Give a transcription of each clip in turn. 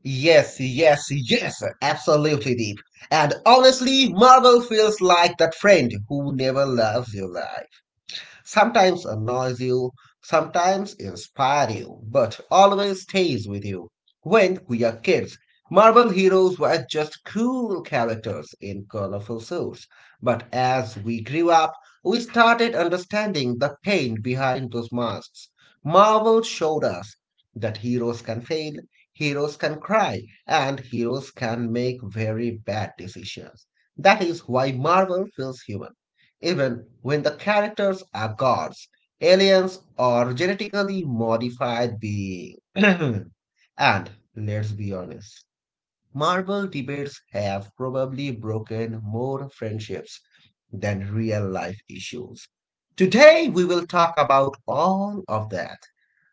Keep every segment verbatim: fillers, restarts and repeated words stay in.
Yes, yes, yes, absolutely Deep. And honestly, Marvel feels like that friend who never loves you life sometimes annoys you, sometimes inspire you, but always stays with you. When we are kids, Marvel heroes were just cool characters in colorful suits. But as we grew up, we started understanding the pain behind those masks. Marvel showed us that heroes can fail, heroes can cry, and heroes can make very bad decisions. That is why Marvel feels human even when the characters are gods, aliens, or genetically modified beings. And let's be honest, Marvel debates have probably broken more friendships than real life issues. Today, we will talk about all of that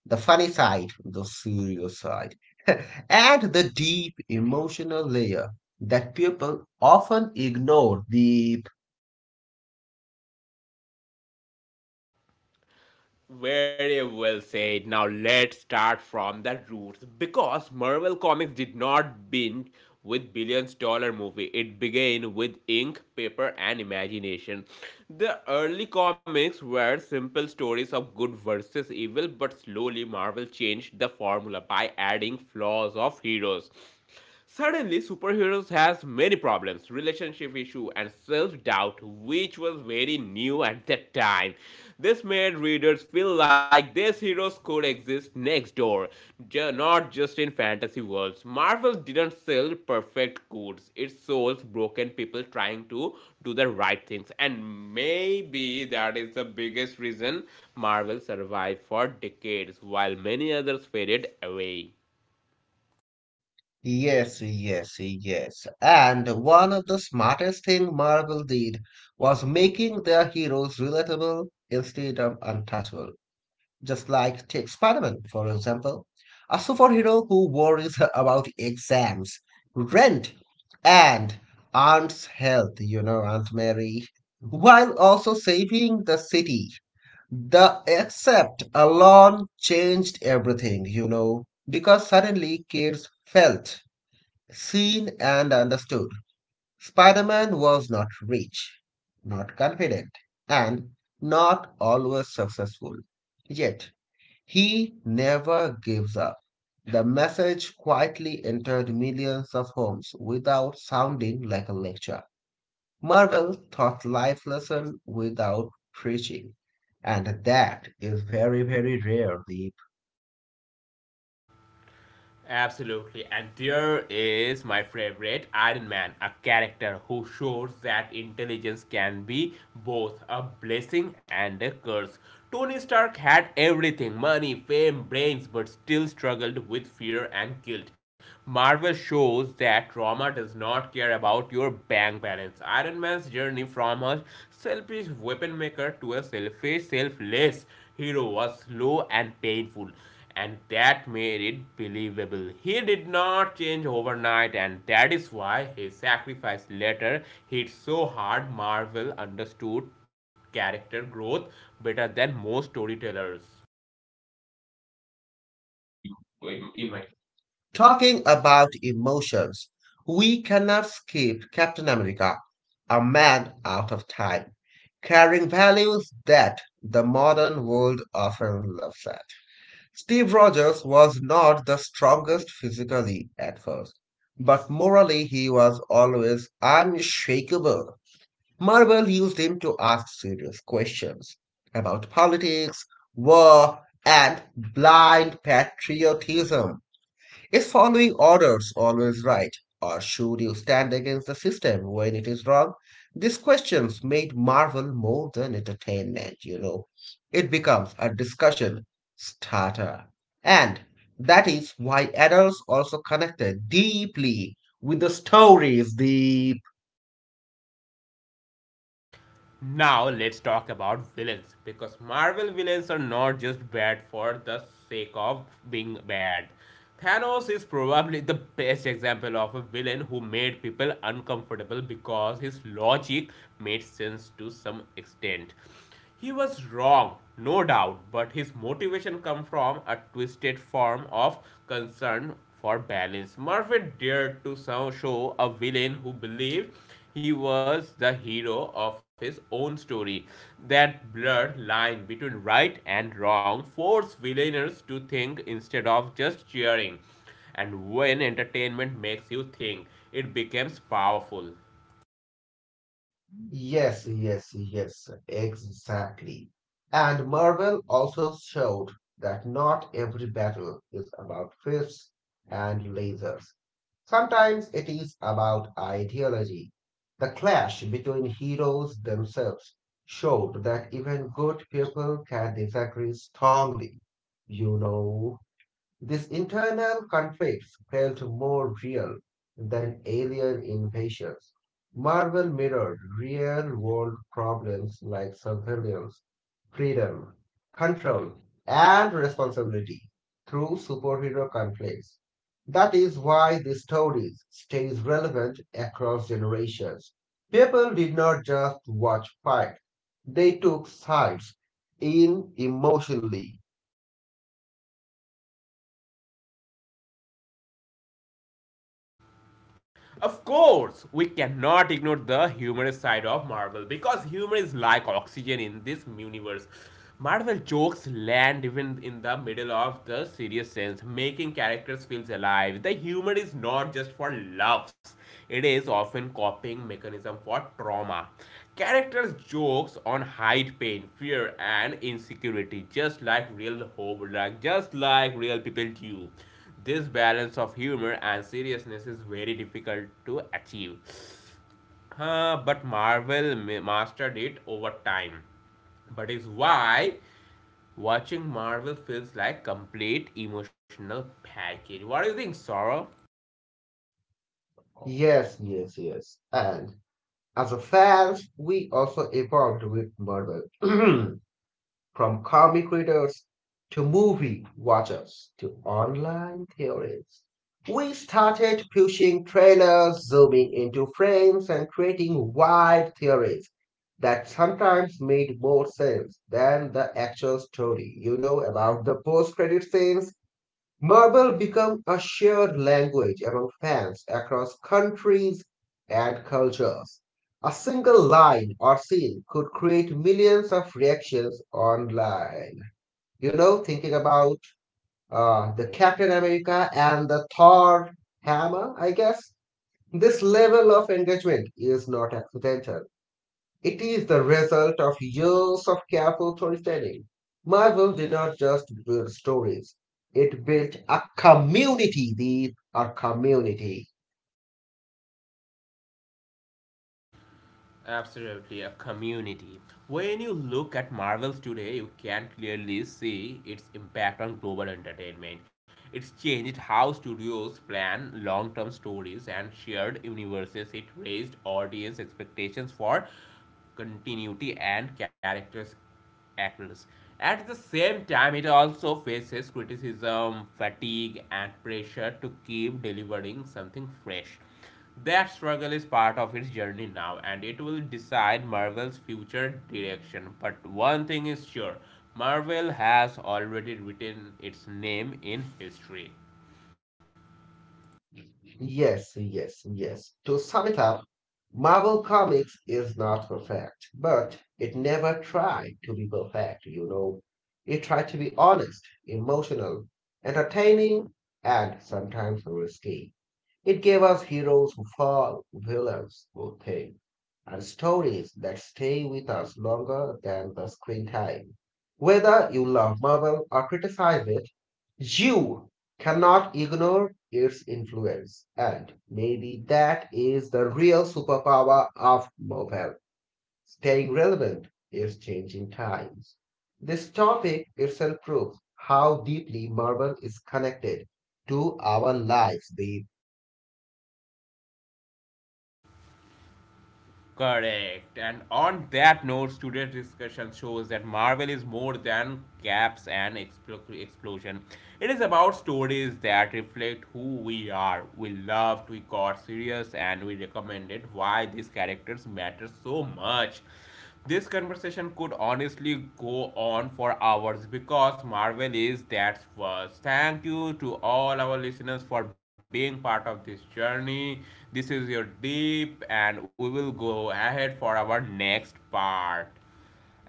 the funny side, the serious side, and the deep emotional layer that people often ignore the. Yes, yes, yes. And one of the smartest thing Marvel did was making their heroes relatable instead of untouchable. Just like take Spider-Man, for example, a superhero who worries about exams, rent, and Aunt's health, you know, Aunt Mary, while also saving the city. The accept alone changed everything, you know, because suddenly kids felt seen and understood. Spider Man was not rich, not confident, and not always successful. Yet, he never gives up. The message quietly entered millions of homes without sounding like a lecture. Marvel taught life lessons without preaching, and that is very, very rare these. Absolutely. And there is my favorite Iron Man, a character who shows that intelligence can be both a blessing and a curse. Tony Stark had everything money, fame, brains, but still struggled with fear and guilt. Marvel shows that trauma does not care about your bank balance. Iron Man's journey from a selfish weapon maker to a selfish, selfless hero was slow and painful and that made it believable. He did not change overnight, and that is why his sacrifice later hit so hard. Marvel understood character growth better than most storytellers. Talking about emotions, we cannot skip Captain America, a man out of time, carrying values that the modern world often laughs at. Steve Rogers was not the strongest physically at first, but morally he was always unshakable. Marvel used him to ask serious questions about politics, war, and blind patriotism. Is following orders always right? Or should you stand against the system when it is wrong? These questions made Marvel more than entertainment, you know. It becomes a discussion starter. And that is why adults also connected deeply with the stories, the. Now, let's talk about villains because Marvel villains are not just bad for the sake of being bad. Thanos is probably the best example of a villain who made people uncomfortable because his logic made sense to some extent. He was wrong, no doubt, but his motivation come from a twisted form of concern for balance. Murphy dared to so- show a villain who believed he was the hero of his own story. That blurred line between right and wrong forced villainers to think instead of just cheering. And when entertainment makes you think, it becomes powerful. Yes, yes, yes, exactly. And Marvel also showed that not every battle is about fists and lasers. Sometimes it is about ideology. The clash between heroes themselves showed that even good people can disagree strongly. You know. These internal conflicts felt more real than alien invasions. Marvel mirrored real world problems like surveillance, freedom, control, and responsibility through superhero conflicts. That is why the story stays relevant across generations. People did not just watch fight, they took sides in emotionally. Of course, we cannot ignore the humorous side of Marvel because humor is like oxygen in this universe. Marvel jokes land even in the middle of the serious sense, making characters feel alive. The humor is not just for laughs; it is often coping mechanism for trauma. Characters jokes on hide pain, fear, and insecurity, just like real hope, like just like real people do. This balance of humor and seriousness is very difficult to achieve. Uh, but Marvel mastered it over time. But is why watching Marvel feels like complete emotional package. What do you think, Sorrow? Yes, yes, yes. And as a fans, we also evolved with Marvel from comic readers to movie watchers to online theories. We started pushing trailers, zooming into frames, and creating wide theories that sometimes made more sense than the actual story. You know about the post credit scenes. Marvel became a shared language among fans across countries and cultures. A single line or scene could create millions of reactions online. You know, thinking about uh, the Captain America and the Thor hammer, I guess. This level of engagement is not accidental. It is the result of years of careful storytelling. Marvel did not just build stories, it built a community. These are community. Absolutely, a community. When you look at Marvels today, you can clearly see its impact on global entertainment. It's changed how studios plan long term stories and shared universes. It raised audience expectations for continuity and characters actors. At the same time, it also faces criticism, fatigue, and pressure to keep delivering something fresh. That struggle is part of its journey now, and it will decide Marvel's future direction. But one thing is sure Marvel has already written its name in history. Yes, yes, yes. To sum it up, Marvel Comics is not perfect, but it never tried to be perfect, you know. It tried to be honest, emotional, entertaining, and sometimes risky. It gave us heroes who fall, villains who think and stories that stay with us longer than the screen time. Whether you love Marvel or criticize it, you cannot ignore its influence. And maybe that is the real superpower of Marvel staying relevant in changing times. This topic itself proves how deeply Marvel is connected to our lives these. Correct. And on that note, today's discussion shows that Marvel is more than caps and expl- explosion. It is about stories that reflect who we are. We loved, we got serious, and we recommended why these characters matter so much. This conversation could honestly go on for hours because Marvel is that first. Thank you to all our listeners for being part of this journey. This is your deep, and we will go ahead for our next part.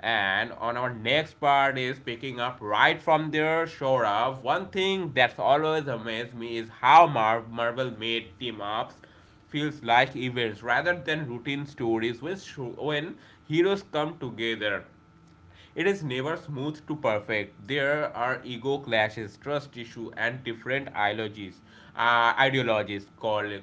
And on our next part is picking up right from there, Shorav. One thing that's always amazed me is how Mar- Marvel made team ups feels like events rather than routine stories when, when heroes come together. It is never smooth to perfect. There are ego clashes, trust issues, and different ideologies, uh, ideologies called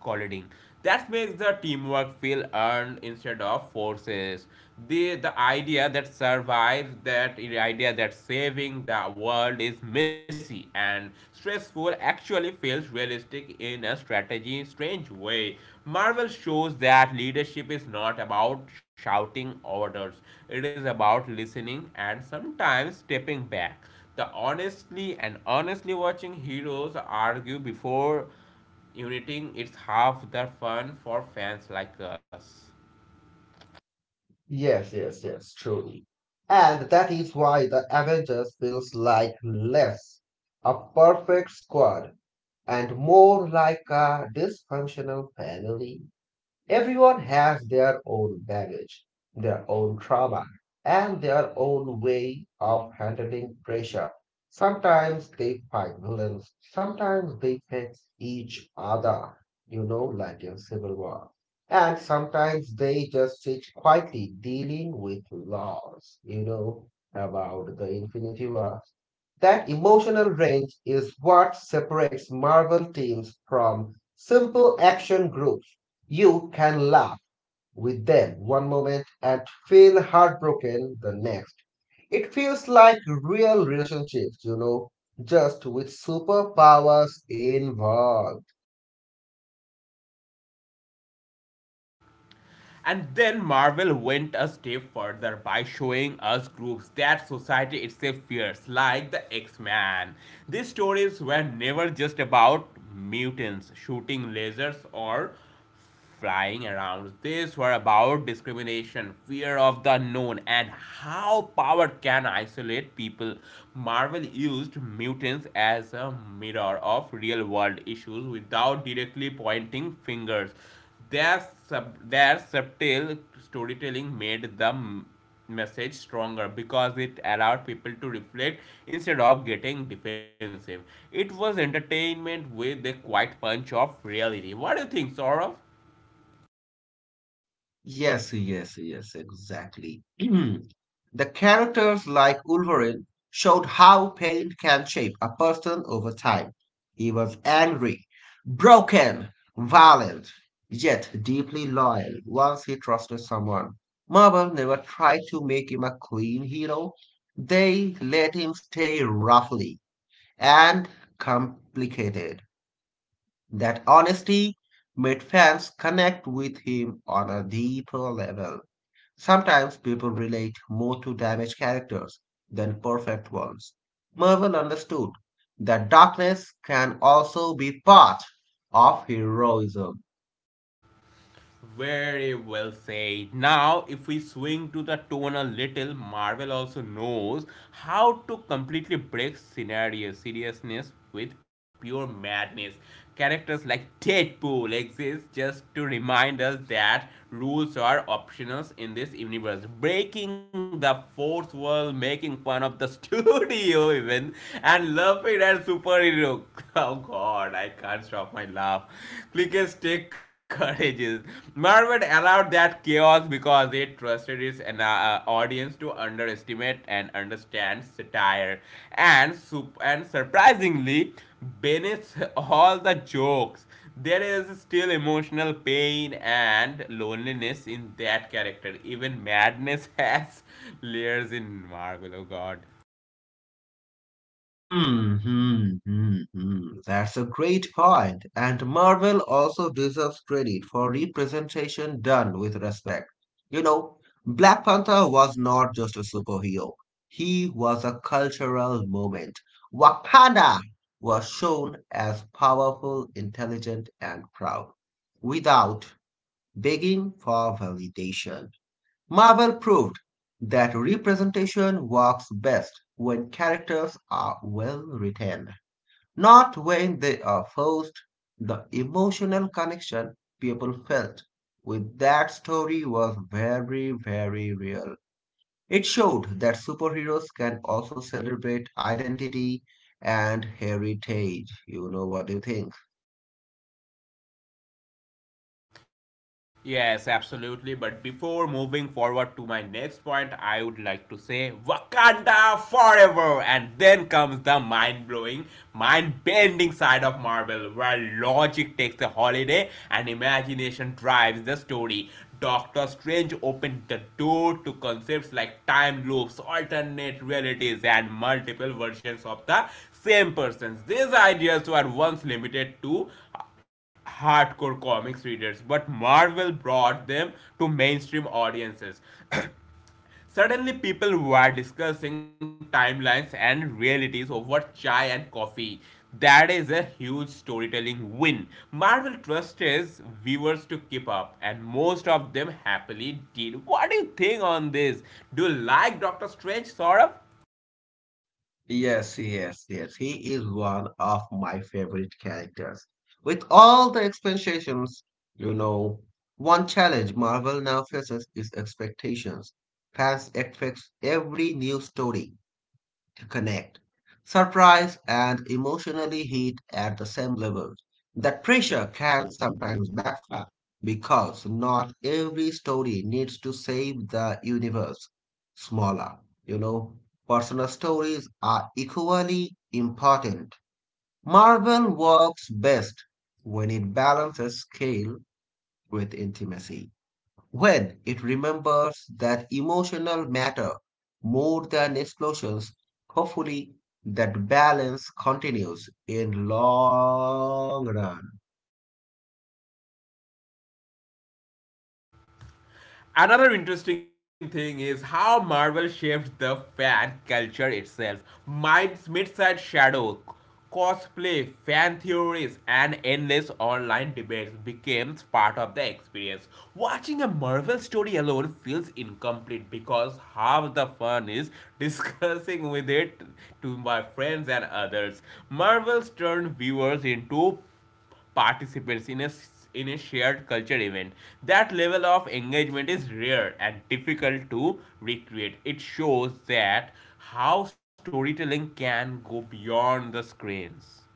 colliding. That makes the teamwork feel earned instead of forces. The the idea that survives, that the idea that saving the world is messy and stressful actually feels realistic in a strategy strange way. Marvel shows that leadership is not about shouting orders. It is about listening and sometimes stepping back. The honestly and honestly watching heroes argue before uniting is half the fun for fans like us. Yes, yes, yes, truly. And that is why the Avengers feels like less a perfect squad and more like a dysfunctional family. Everyone has their own baggage, their own trauma, and their own way of handling pressure. Sometimes they fight villains, sometimes they fix each other, you know, like in Civil War. And sometimes they just sit quietly dealing with laws, you know, about the Infinity War. That emotional range is what separates Marvel teams from simple action groups. You can laugh with them one moment and feel heartbroken the next. It feels like real relationships, you know, just with superpowers involved. And then Marvel went a step further by showing us groups that society itself fears, like the X-Men. These stories were never just about mutants shooting lasers or flying around. These were about discrimination, fear of the unknown, and how power can isolate people. Marvel used mutants as a mirror of real world issues without directly pointing fingers. Their, sub, their subtle storytelling made the message stronger because it allowed people to reflect instead of getting defensive. It was entertainment with a quiet punch of reality. What do you think, Saurav? Yes, yes, yes, exactly. The characters like Wolverine showed how pain can shape a person over time. He was angry, broken, violent, yet deeply loyal once he trusted someone. Marvel never tried to make him a clean hero. They let him stay roughly and complicated. That honesty made fans connect with him on a deeper level. Sometimes people relate more to damaged characters than perfect ones. Marvel understood that darkness can also be part of heroism. Very well said. Now, if we swing to the tone a little, Marvel also knows how to completely break scenario seriousness with pure madness. Characters like Deadpool exist just to remind us that rules are optional in this universe. Breaking the fourth wall, making fun of the studio even, and laughing at superhero. Oh god god, I can't stop my laugh. Clickers take courage. Marvel allowed that chaos because it trusted its an, uh, audience to underestimate and understand satire. And, sup- and surprisingly, beneath all the jokes, there is still emotional pain and loneliness in that character. Even madness has layers in Marvel, oh god. Hmm, hmm, hmm, hmm. That's a great point. And Marvel also deserves credit for representation done with respect. You know, Black Panther was not just a superhero, he was a cultural moment. Wakanda was shown as powerful, intelligent, and proud without begging for validation. Marvel proved that representation works best when characters are well written, not when they are forced. The emotional connection people felt with that story was very, very real. It showed that superheroes can also celebrate identity and heritage. You know, what do you think? Yes, absolutely. But before moving forward to my next point, I would like to say Wakanda forever. And then comes the mind blowing, mind bending side of Marvel, where logic takes a holiday and imagination drives the story. Doctor Strange opened the door to concepts like time loops, alternate realities, and multiple versions of the same persons. These ideas were once limited to hardcore comics readers, but Marvel brought them to mainstream audiences. Suddenly, people were discussing timelines and realities over chai and coffee. That is a huge storytelling win. Marvel trusts viewers to keep up, and most of them happily did. What do you think on this? Do you like Doctor Strange, Saurabh? Yes, yes, yes. He is one of my favorite characters. With all the expansions, you know, one challenge Marvel now faces is expectations. Fans expect every new story to connect, surprise, and emotionally hit at the same level. That pressure can sometimes backfire because not every story needs to save the universe. Smaller, you know, personal stories are equally important. Marvel works best when it balances scale with intimacy when it remembers that emotional matter more than explosions, hopefully that balance continues in long run. Another interesting thing is how Marvel shaped the fan culture itself. Mids- Midside Shadow, cosplay, fan theories, and endless online debates became part of the experience. Watching a Marvel story alone feels incomplete because half the fun is discussing with it to my friends and others. Marvel's turned viewers into participants in a in a shared culture event. That level of engagement is rare and difficult to recreate. It shows that how storytelling can go beyond the screens.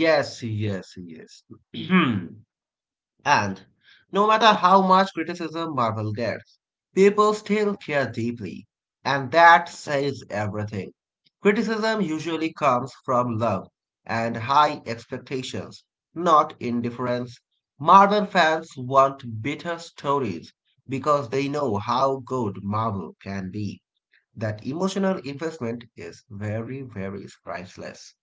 Yes, yes, yes. And no matter how much criticism Marvel gets, people still care deeply. And that says everything. Criticism usually comes from love and high expectations, not indifference. Marvel fans want bitter stories because they know how good Marvel can be. That emotional investment is very, very priceless.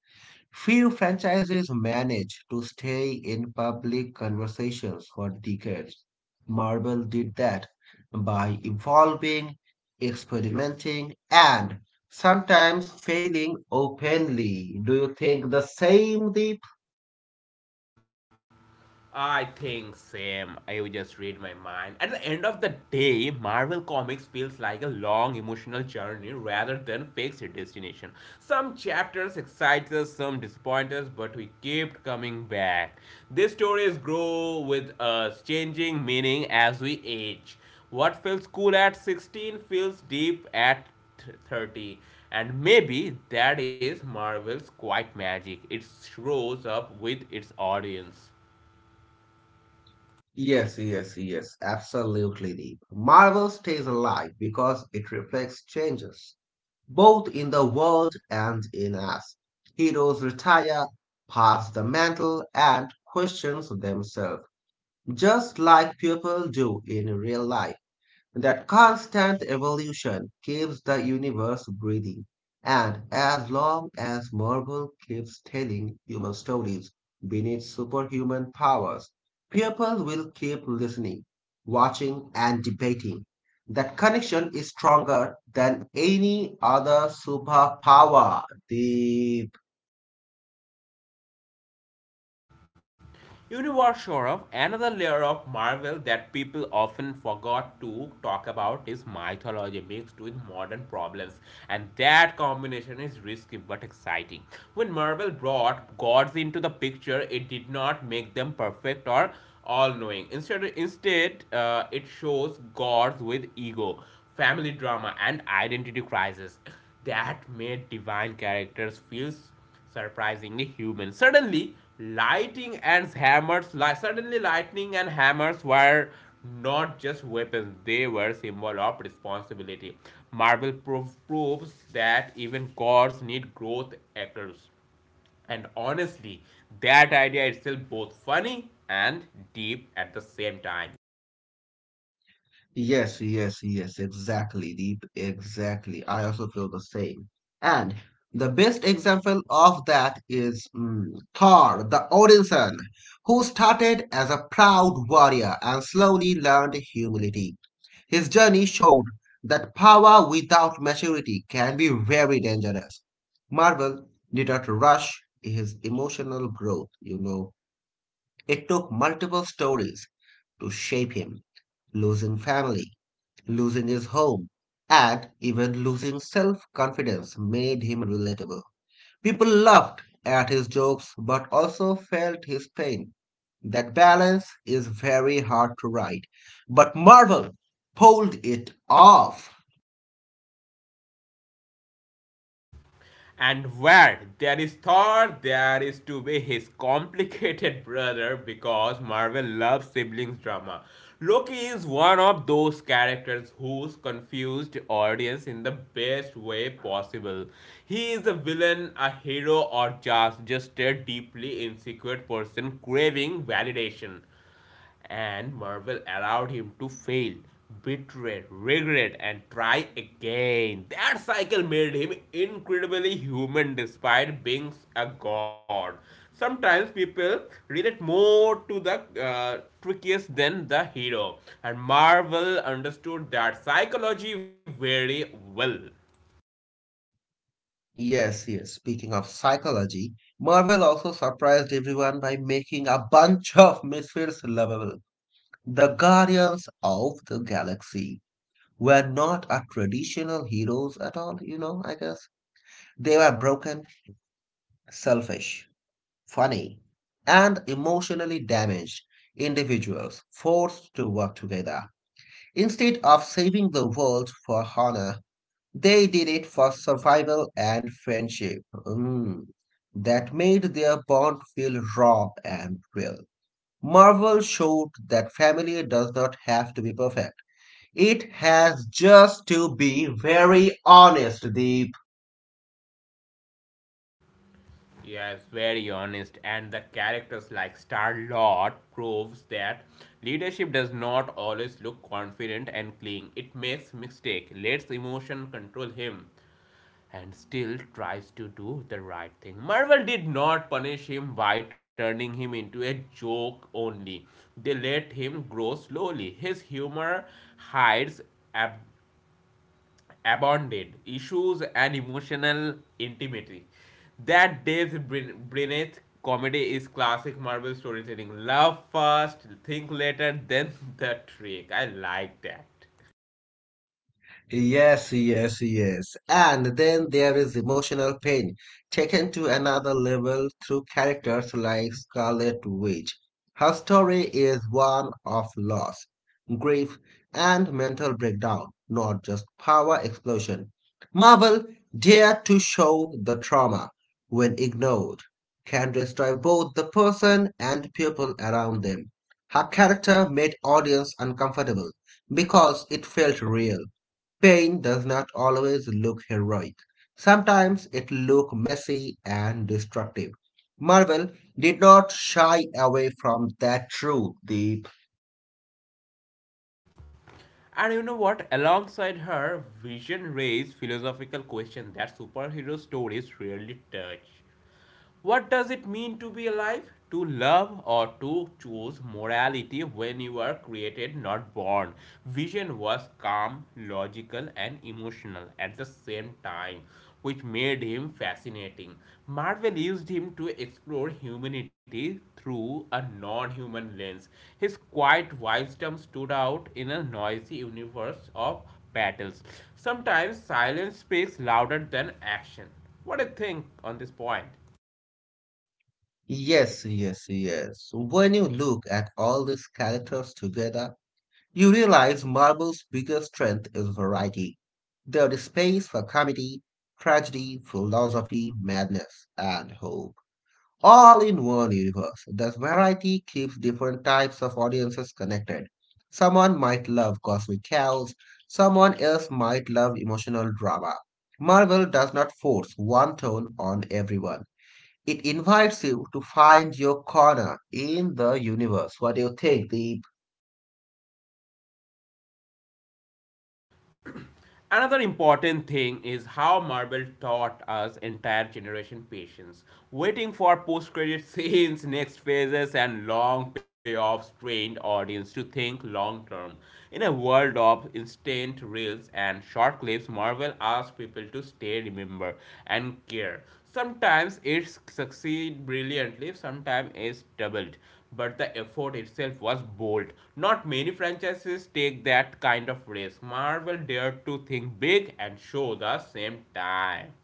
Few franchises manage to stay in public conversations for decades. Marvel did that by evolving, experimenting, and sometimes failing openly. Do you think the same, Deep? I think same. I would just read my mind. At the end of the day, Marvel Comics feels like a long emotional journey rather than fixed destination. Some chapters excite us, some disappoint us, but we keep coming back. These stories grow with us, changing meaning as we age. What feels cool at sixteen feels deep at thirty and maybe that is marvel's quite magic it shows up with its audience. Yes, yes, yes. Absolutely, Deep. Marvel stays alive because it reflects changes, both in the world and in us. Heroes retire, pass the mantle, and question themselves, just like people do in real life. That constant evolution keeps the universe breathing. And as long as Marvel keeps telling human stories beneath superhuman powers, people will keep listening, watching, and debating. That connection is stronger than any other superpower. The. Universal of another layer of Marvel that people often forgot to talk about is mythology mixed with modern problems. And that combination is risky but exciting. When Marvel brought gods into the picture, it did not make them perfect or all knowing. Instead, instead uh, it shows gods with ego, family drama, and identity crisis that made divine characters feel surprisingly human. Suddenly, lighting and hammers, li- suddenly lightning and hammers were not just weapons; they were symbol of responsibility. Marvel prov- proves that even gods need growth actors, and honestly, that idea itself both funny and deep at the same time. Yes, yes, yes, exactly, Deep. Exactly. I also feel the same. And the best example of that is mm, Thor, the Odinson, who started as a proud warrior and slowly learned humility. His journey showed that power without maturity can be very dangerous. Marvel did not rush his emotional growth, you know. It took multiple stories to shape him. Losing family, losing his home, and even losing self confidence made him relatable. People laughed at his jokes but also felt his pain. That balance is very hard to write, but Marvel pulled it off. And where there is Thor, there is to be his complicated brother because Marvel loves siblings drama. Loki is one of those characters who's confused audience in the best way possible. He is a villain, a hero, or just just a deeply insecure person craving validation and Marvel allowed him to fail, betray, regret, and try again. That cycle made him incredibly human despite being a god. Sometimes people relate more to the uh, trickiest than the hero, and Marvel understood that psychology very well. Yes, yes, speaking of psychology, Marvel also surprised everyone by making a bunch of misfits lovable. The Guardians of the Galaxy were not a traditional heroes at all, you know, I guess. They were broken, selfish, funny, and emotionally damaged individuals forced to work together. Instead of saving the world for honor, they did it for survival and friendship. Mm. That made their bond feel raw and real. Marvel showed that family does not have to be perfect. It has just to be very honest. The. Yes, very honest. And the characters like Star Lord proves that leadership does not always look confident and clean. It makes mistake, lets emotion control him, and still tries to do the right thing. Marvel did not punish him by turning him into a joke only. They let him grow slowly. His humor hides ab- abandoned issues and emotional intimacy. That depth brin- beneath comedy is classic Marvel storytelling. Love first, think later, then the trick. I like that. Yes, yes, yes. And then there is emotional pain, taken to another level through characters like Scarlet Witch. Her story is one of loss, grief, and mental breakdown, not just power explosion. Marvel dare to show the trauma, when ignored, can destroy both the person and people around them. Her character made audience uncomfortable because it felt real. Pain does not always look heroic. Sometimes it looks messy and destructive. Marvel did not shy away from that truth, Deep. And you know what? Alongside her, Vision raised philosophical questions that superhero stories rarely touch. What does it mean to be alive? To love or to choose morality when you are created, not born. Vision was calm, logical, and emotional at the same time, which made him fascinating. Marvel used him to explore humanity through a non human lens. His quiet wisdom stood out in a noisy universe of battles. Sometimes silence speaks louder than action. What do you think on this point? Yes, yes, yes. When you look at all these characters together, you realize Marvel's biggest strength is variety. There is space for comedy, tragedy, philosophy, madness, and hope, all in one universe. This variety keeps different types of audiences connected. Someone might love cosmic chaos, someone else might love emotional drama. Marvel does not force one tone on everyone. It invites you to find your corner in the universe. What do you think, Deep? Another important thing is how Marvel taught us entire generation patience. Waiting for post-credit scenes, next phases, and long payoffs trained audience to think long-term. In a world of instant reels and short clips, Marvel asks people to stay, remember, and care. Sometimes it succeeds brilliantly, sometimes it's doubled but the effort itself was bold. Not many franchises take that kind of risk. Marvel dared to think big and show the same time.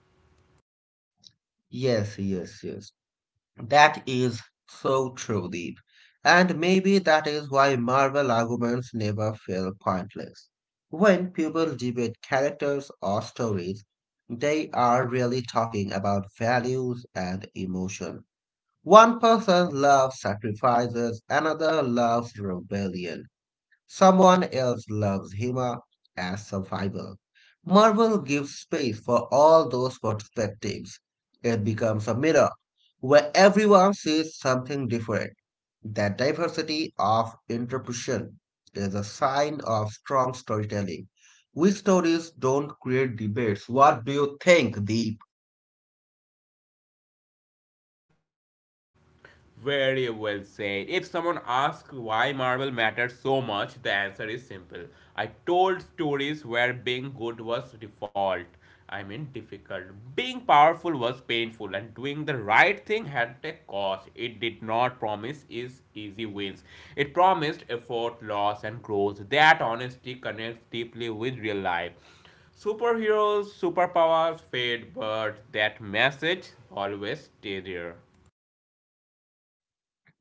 Yes, yes, yes. That is so true, Deep. And maybe that is why Marvel arguments never feel pointless. When people debate characters or stories, they are really talking about values and emotion. One person loves sacrifices, another loves rebellion. Someone else loves Hima as survival. Marvel gives space for all those perspectives. It becomes a mirror where everyone sees something different. That diversity of interpretation is a sign of strong storytelling. Weak stories don't create debates. What do you think, Deep? Very well said. If someone asks why Marvel matters so much, the answer is simple. I told stories where being good was default. I mean, difficult. Being powerful was painful, and doing the right thing had a cost. It did not promise is easy wins. It promised effort, loss, and growth. That honesty connects deeply with real life. Superheroes, superpowers fade, but that message always stays there.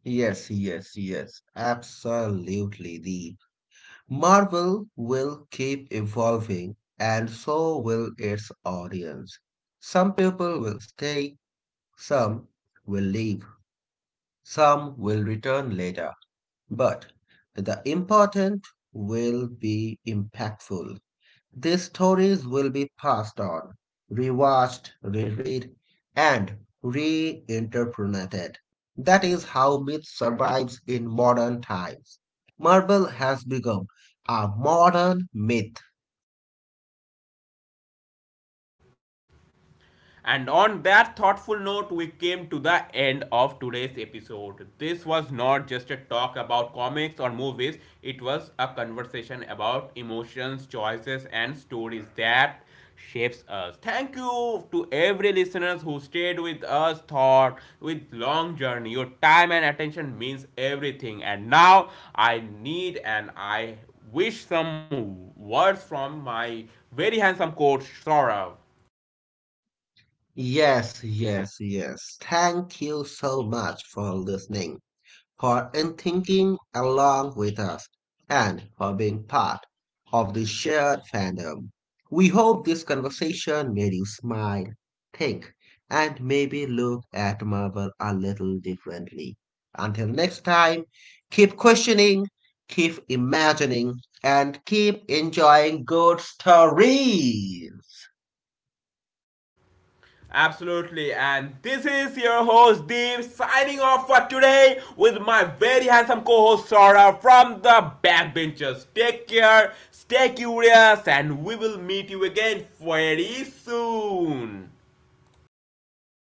Yes, yes, yes. Absolutely, Deep. Marvel will keep evolving, and so will its audience. Some people will stay, some will leave, some will return later, but the important will be impactful. These stories will be passed on, rewatched, reread, and reinterpreted. That is how myth survives in modern times. Marvel has become a modern myth. And on that thoughtful note, we came to the end of today's episode. This was not just a talk about comics or movies, it was a conversation about emotions, choices, and stories that shapes us. Thank you to every listeners who stayed with us thought with long journey. Your time and attention means everything. And now I need and I wish some words from my very handsome coach Saurav. Yes, yes, yes. Thank you so much for listening, for in thinking along with us and for being part of the shared fandom. We hope this conversation made you smile, think, and maybe look at Marvel a little differently. Until next time, keep questioning, keep imagining, and keep enjoying good stories. Absolutely, and this is your host Deep signing off for today with my very handsome co host Sora from the backbenchers. Take care, stay curious, and we will meet you again very soon.